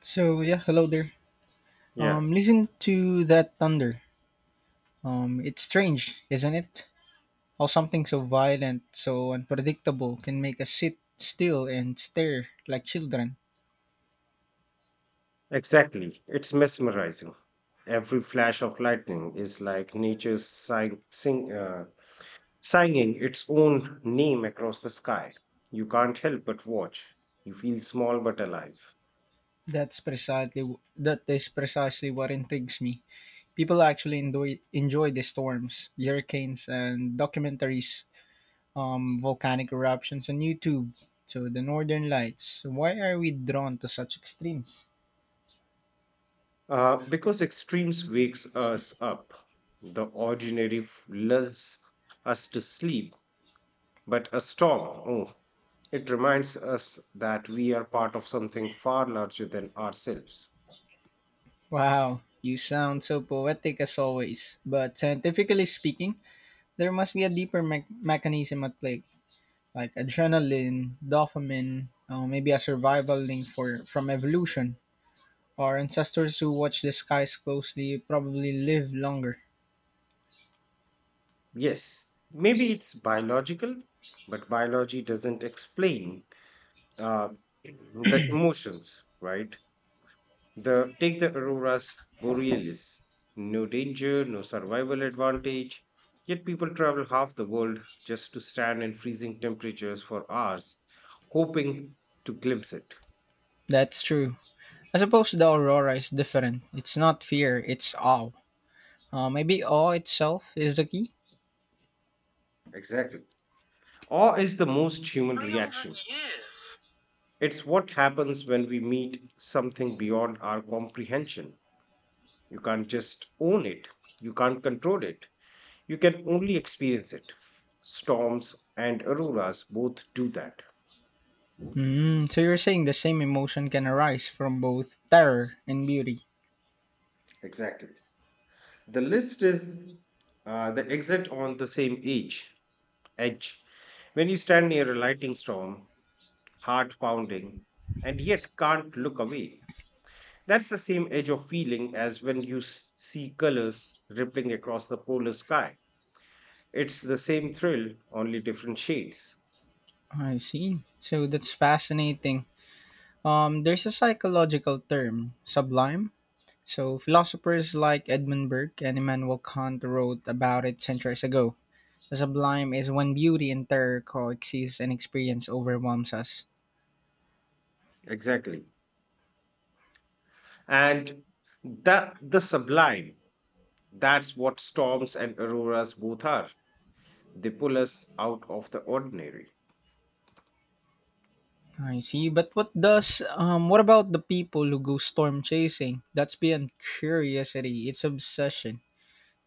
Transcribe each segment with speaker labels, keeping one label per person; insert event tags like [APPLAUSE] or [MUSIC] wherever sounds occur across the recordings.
Speaker 1: So yeah, hello there.
Speaker 2: Yeah,
Speaker 1: Listen to that thunder. It's strange, isn't it? How something so violent, so unpredictable, can make us sit still and stare like children.
Speaker 2: exactly. It's mesmerizing. Every flash of lightning is like nature's singing its own name across the sky. You can't help but watch. You feel small but alive.
Speaker 1: That's precisely that is precisely what intrigues me. People actually enjoy the storms, hurricanes, and documentaries, volcanic eruptions on YouTube. So the Northern Lights. Why are we drawn to such extremes?
Speaker 2: Because extremes wakes us up. The ordinary lulls us to sleep, but a storm, oh, it reminds us that we are part of something far larger than ourselves.
Speaker 1: Wow, you sound so poetic as always. But scientifically speaking, there must be a deeper mechanism at play, like adrenaline, dopamine, maybe a survival link for from evolution. Our ancestors who watch the skies closely probably live longer.
Speaker 2: Yes, maybe it's biological, but biology doesn't explain uh, [CLEARS THROAT] the emotions, right? The auroras borealis, no danger, no survival advantage, yet people travel half the world just to stand in freezing temperatures for hours, hoping to glimpse it.
Speaker 1: That's true. I suppose the aurora is different. It's not fear, it's awe. Maybe awe itself is the key?
Speaker 2: Exactly. Awe is the most human
Speaker 1: 300
Speaker 2: reaction.
Speaker 1: years?
Speaker 2: It's what happens when we meet something beyond our comprehension. You can't just own it, you can't control it, you can only experience it. Storms and auroras both do that.
Speaker 1: Mm, so you're saying the same emotion can arise from both terror and beauty.
Speaker 2: Exactly. The list is the exit on the same edge, edge. When you stand near a lightning storm, heart pounding, and yet can't look away, that's the same edge of feeling as when you see colors rippling across the polar sky. It's the same thrill, only different shades.
Speaker 1: I see. So that's fascinating. There's a psychological term, sublime. So philosophers like Edmund Burke and Immanuel Kant wrote about it centuries ago. The sublime is when beauty and terror coexist and experience overwhelms us.
Speaker 2: Exactly. And the sublime, that's what storms and auroras both are. They pull us out of the ordinary.
Speaker 1: I see. But what about the people who go storm chasing? That's beyond curiosity. It's obsession.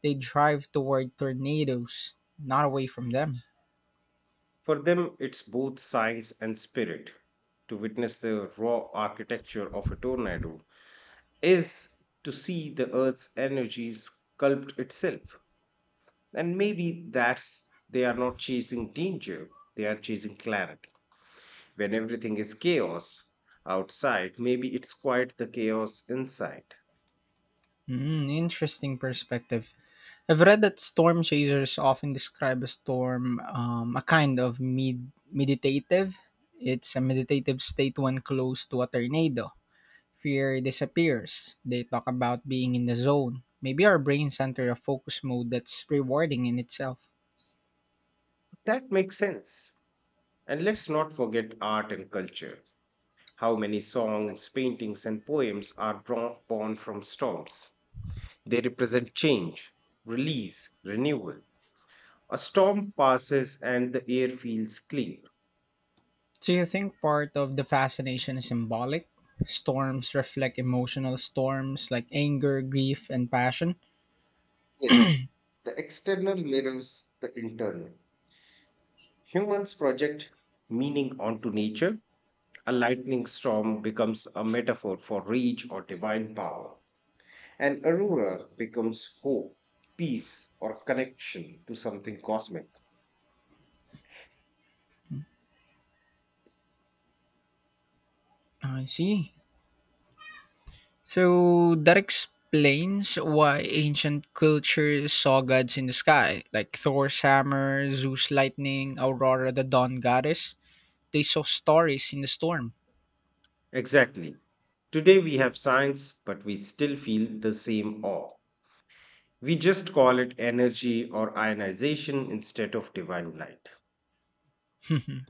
Speaker 1: They drive toward tornadoes, not away from them.
Speaker 2: For them, it's both science and spirit. To witness the raw architecture of a tornado is to see the earth's energy sculpt itself. And maybe that's they are not chasing danger, they are chasing clarity. When everything is chaos outside, maybe it's quite the chaos inside.
Speaker 1: Mm, interesting perspective. I've read that storm chasers often describe a storm, a kind of med- meditative. It's a meditative state when close to a tornado. Fear disappears. They talk about being in the zone. Maybe our brains enter a focus mode that's rewarding in itself.
Speaker 2: That makes sense. And let's not forget art and culture. How many songs, paintings, and poems are drawn born from storms? They represent change, release, renewal. A storm passes and the air feels clean.
Speaker 1: So you think part of the fascination is symbolic? Storms reflect emotional storms like anger, grief, and passion.
Speaker 2: Yes, the external mirrors the internal. Humans project meaning onto nature. A lightning storm becomes a metaphor for rage or divine power. An aurora becomes hope, peace, or connection to something cosmic.
Speaker 1: I see. So that explains why ancient cultures saw gods in the sky, like Thor's hammer, Zeus lightning, Aurora the dawn goddess. They saw stories in the storm.
Speaker 2: Exactly. Today we have science, but we still feel the same awe. We just call it energy or ionization instead of divine light.
Speaker 1: [LAUGHS]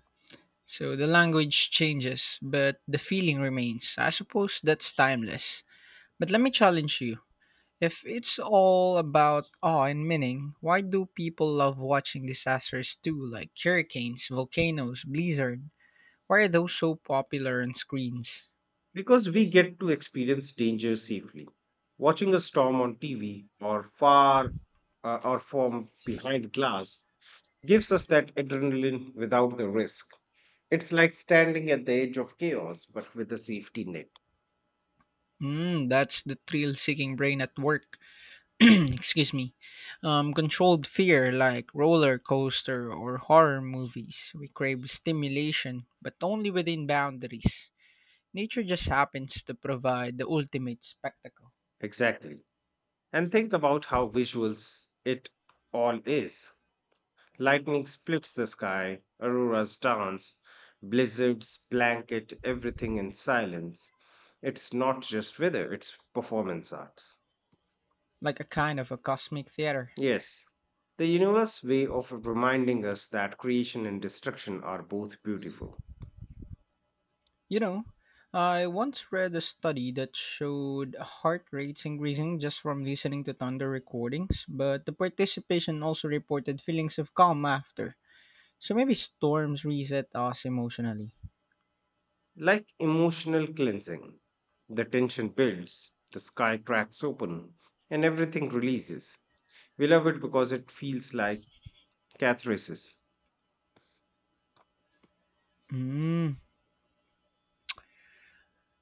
Speaker 1: So the language changes, but the feeling remains. I suppose that's timeless. But let me challenge you. If it's all about awe and meaning, why do people love watching disasters too, like hurricanes, volcanoes, blizzard? Why are those so popular on screens?
Speaker 2: Because we get to experience danger safely. Watching a storm on TV or far or from behind glass gives us that adrenaline without the risk. It's like standing at the edge of chaos but with a safety net.
Speaker 1: Mm, that's the thrill-seeking brain at work. [CLEARS THROAT] Excuse me. Controlled fear, like roller coaster or horror movies. We crave stimulation, but only within boundaries. Nature just happens to provide the ultimate spectacle,
Speaker 2: Exactly. And think about how visuals it all is. Lightning splits the sky, auroras dance, blizzards blanket everything in silence. It's not just weather, it's performance arts.
Speaker 1: like a kind of a cosmic theater.
Speaker 2: Yes, the universe way of reminding us that creation and destruction are both beautiful.
Speaker 1: You know, I once read a study that showed heart rates increasing just from listening to thunder recordings, but the participation also reported feelings of calm after. So maybe storms reset us emotionally.
Speaker 2: Like emotional cleansing, the tension builds, the sky cracks open, and everything releases. We love it because it feels like catharsis.
Speaker 1: Mm.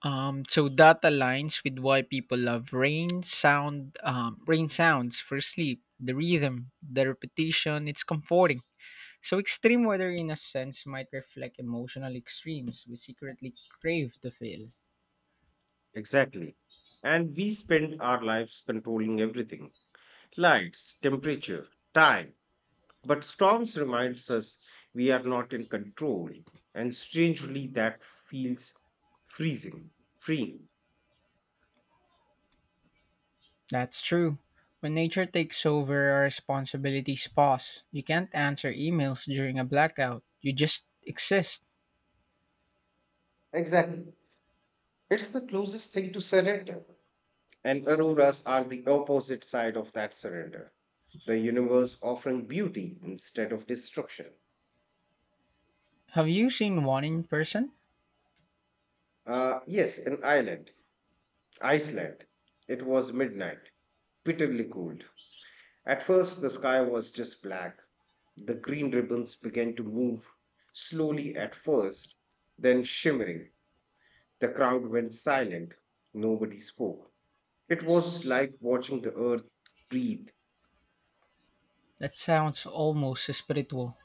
Speaker 1: So that aligns with why people love rain sounds for sleep, the rhythm, the repetition, it's comforting. So extreme weather in a sense might reflect emotional extremes we secretly crave to feel.
Speaker 2: Exactly. And we spend our lives controlling everything: lights, temperature, time. But storms reminds us we are not in control, and strangely that feels freezing, freeing.
Speaker 1: That's true. When nature takes over, our responsibilities pause. You can't answer emails during a blackout. You just exist.
Speaker 2: Exactly. It's the closest thing to surrender. And auroras are the opposite side of that surrender. The universe offering beauty instead of destruction.
Speaker 1: Have you seen one in person?
Speaker 2: Yes, an island. Iceland. It was midnight, bitterly cold. At first, the sky was just black. The green ribbons began to move, slowly at first, then shimmering. The crowd went silent. Nobody spoke. It was like watching the earth breathe.
Speaker 1: That sounds almost spiritual.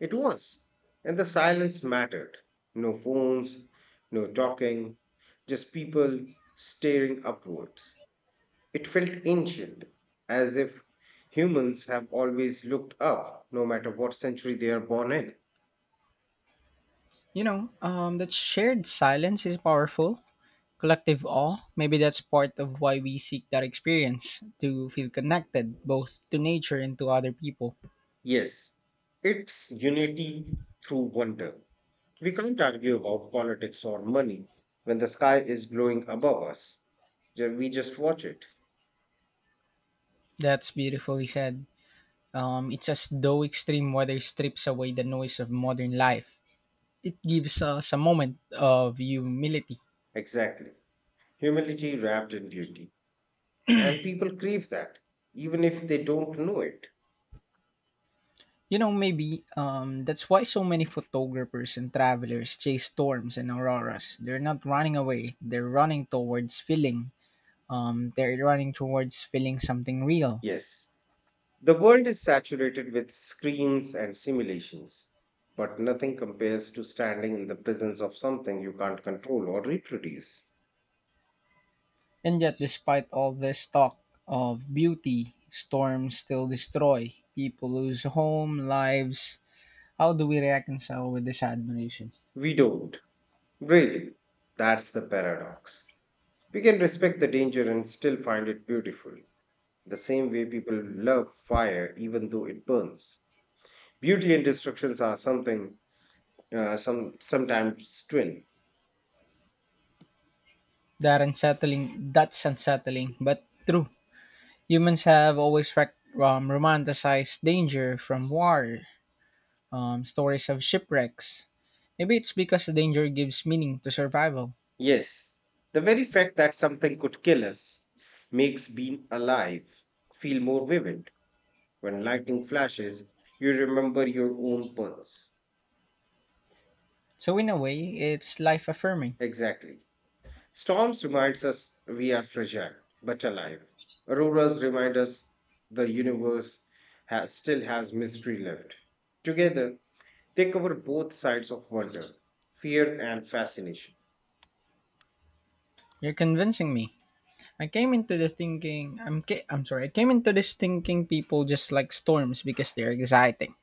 Speaker 2: It was. And the silence mattered. No phones, no talking, just people staring upwards. It felt ancient, as if humans have always looked up, no matter what century they are born in.
Speaker 1: You know, that shared silence is powerful. Collective awe, maybe that's part of why we seek that experience to feel connected both to nature and to other people.
Speaker 2: Yes, it's unity through wonder. We can't argue about politics or money when the sky is glowing above us. We just watch it.
Speaker 1: That's beautifully said. It's as though extreme weather strips away the noise of modern life. It gives us a moment of humility.
Speaker 2: Exactly. Humility wrapped in duty. And people crave that, even if they don't know it.
Speaker 1: You know, maybe that's why so many photographers and travelers chase storms and auroras. They're not running away, they're running towards feeling. They're running towards feeling something real.
Speaker 2: Yes. The world is saturated with screens and simulations, but nothing compares to standing in the presence of something you can't control or reproduce.
Speaker 1: And yet, despite all this talk of beauty, storms still destroy. People lose home, lives. How do we reconcile with this admiration?
Speaker 2: We don't, really. That's the paradox. We can respect the danger and still find it beautiful, the same way people love fire even though it burns. Beauty and destructions are something, some sometimes twin.
Speaker 1: That unsettling, that's unsettling, but true. Humans have always romanticized danger from war stories of shipwrecks. Maybe it's because danger gives meaning to survival.
Speaker 2: Yes, the very fact that something could kill us makes being alive feel more vivid. When lightning flashes, you remember your own pulse.
Speaker 1: So, in a way, it's life affirming.
Speaker 2: Exactly. Storms reminds us we are fragile but alive. Auroras remind us the universe still has mystery left. Together, they cover both sides of wonder, fear, and fascination.
Speaker 1: You're convincing me. I came into the thinking, I'm, ca- I'm sorry, I came into this thinking people just like storms because they're exciting.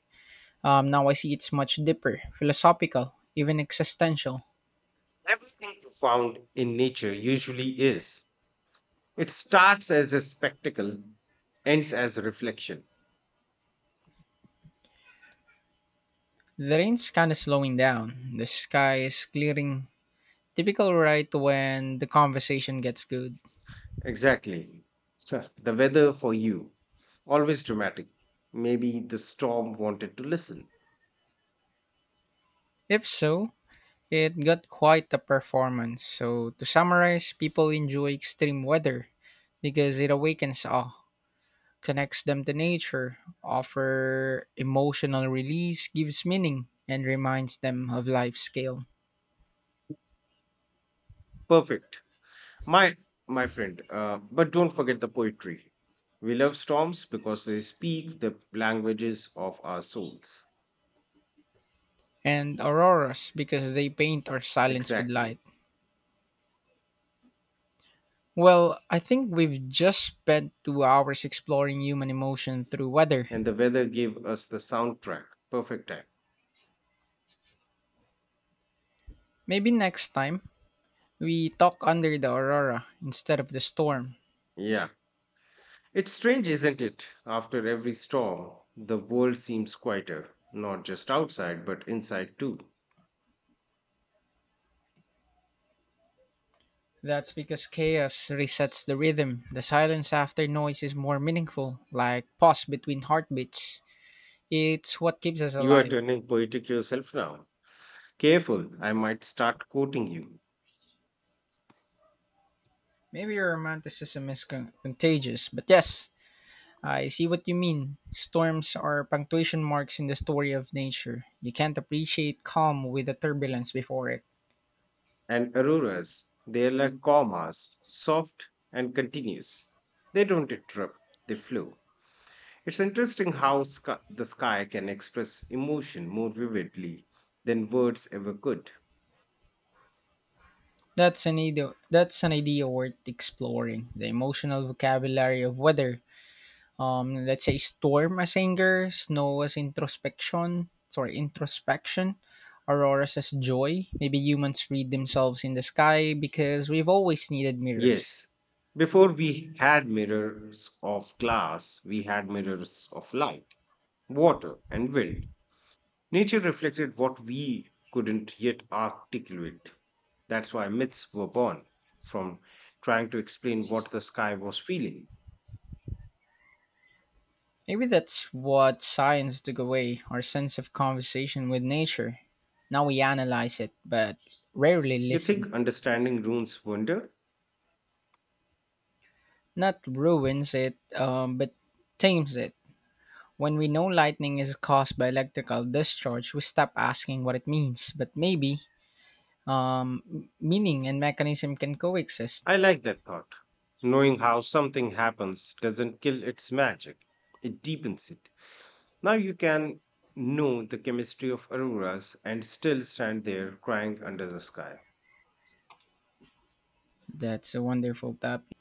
Speaker 1: Now I see it's much deeper, philosophical, even existential.
Speaker 2: Everything found in nature usually is. It starts as a spectacle, ends as a reflection.
Speaker 1: The rain's kind of slowing down, the sky is clearing. Typical right when the conversation gets good.
Speaker 2: Exactly. [LAUGHS] Huh. The weather for you, always dramatic. Maybe the storm wanted to listen.
Speaker 1: If so, it got quite a performance. So, to summarize, people enjoy extreme weather because it awakens awe, connects them to nature, offer emotional release, gives meaning, and reminds them of life scale.
Speaker 2: Perfect. My my friend, but don't forget the poetry. We love storms because they speak the languages of our souls.
Speaker 1: And auroras because they paint our silence with
Speaker 2: Exactly.
Speaker 1: light. Well, I think we've just spent 2 hours exploring human emotion through weather.
Speaker 2: And the weather gave us the soundtrack. Perfect time.
Speaker 1: Maybe next time we talk under the aurora instead of the storm.
Speaker 2: Yeah. It's strange, isn't it? After every storm, the world seems quieter, not just outside, but inside too.
Speaker 1: That's because chaos resets the rhythm. The silence after noise is more meaningful, like pause between heartbeats. It's what keeps us
Speaker 2: You are
Speaker 1: alive.
Speaker 2: turning poetic yourself now. Careful, I might start quoting you.
Speaker 1: Maybe your romanticism is contagious, but yes, I see what you mean. Storms are punctuation marks in the story of nature. You can't appreciate calm with the turbulence before it.
Speaker 2: And auroras, they're like commas, soft and continuous. They don't interrupt, they flow. It's interesting how the sky can express emotion more vividly than words ever could.
Speaker 1: That's an idea worth exploring. The emotional vocabulary of weather. Let's say storm as anger, snow as introspection, sorry, introspection, aurora as joy. Maybe humans read themselves in the sky because we've always needed mirrors.
Speaker 2: Yes. Before we had mirrors of glass, we had mirrors of light, water, and wind. Nature reflected what we couldn't yet articulate. That's why myths were born from trying to explain what the sky was feeling.
Speaker 1: Maybe that's what science took away our sense of conversation with nature. Now we analyze it, but rarely
Speaker 2: You think
Speaker 1: listen.
Speaker 2: understanding ruins wonder?
Speaker 1: Not ruins it, but tames it. When we know lightning is caused by electrical discharge, we stop asking what it means, but maybe um, meaning and mechanism can coexist.
Speaker 2: I like that thought. Knowing how something happens doesn't kill its magic, it deepens it. Now you can know the chemistry of auroras and still stand there crying under the sky.
Speaker 1: That's a wonderful topic.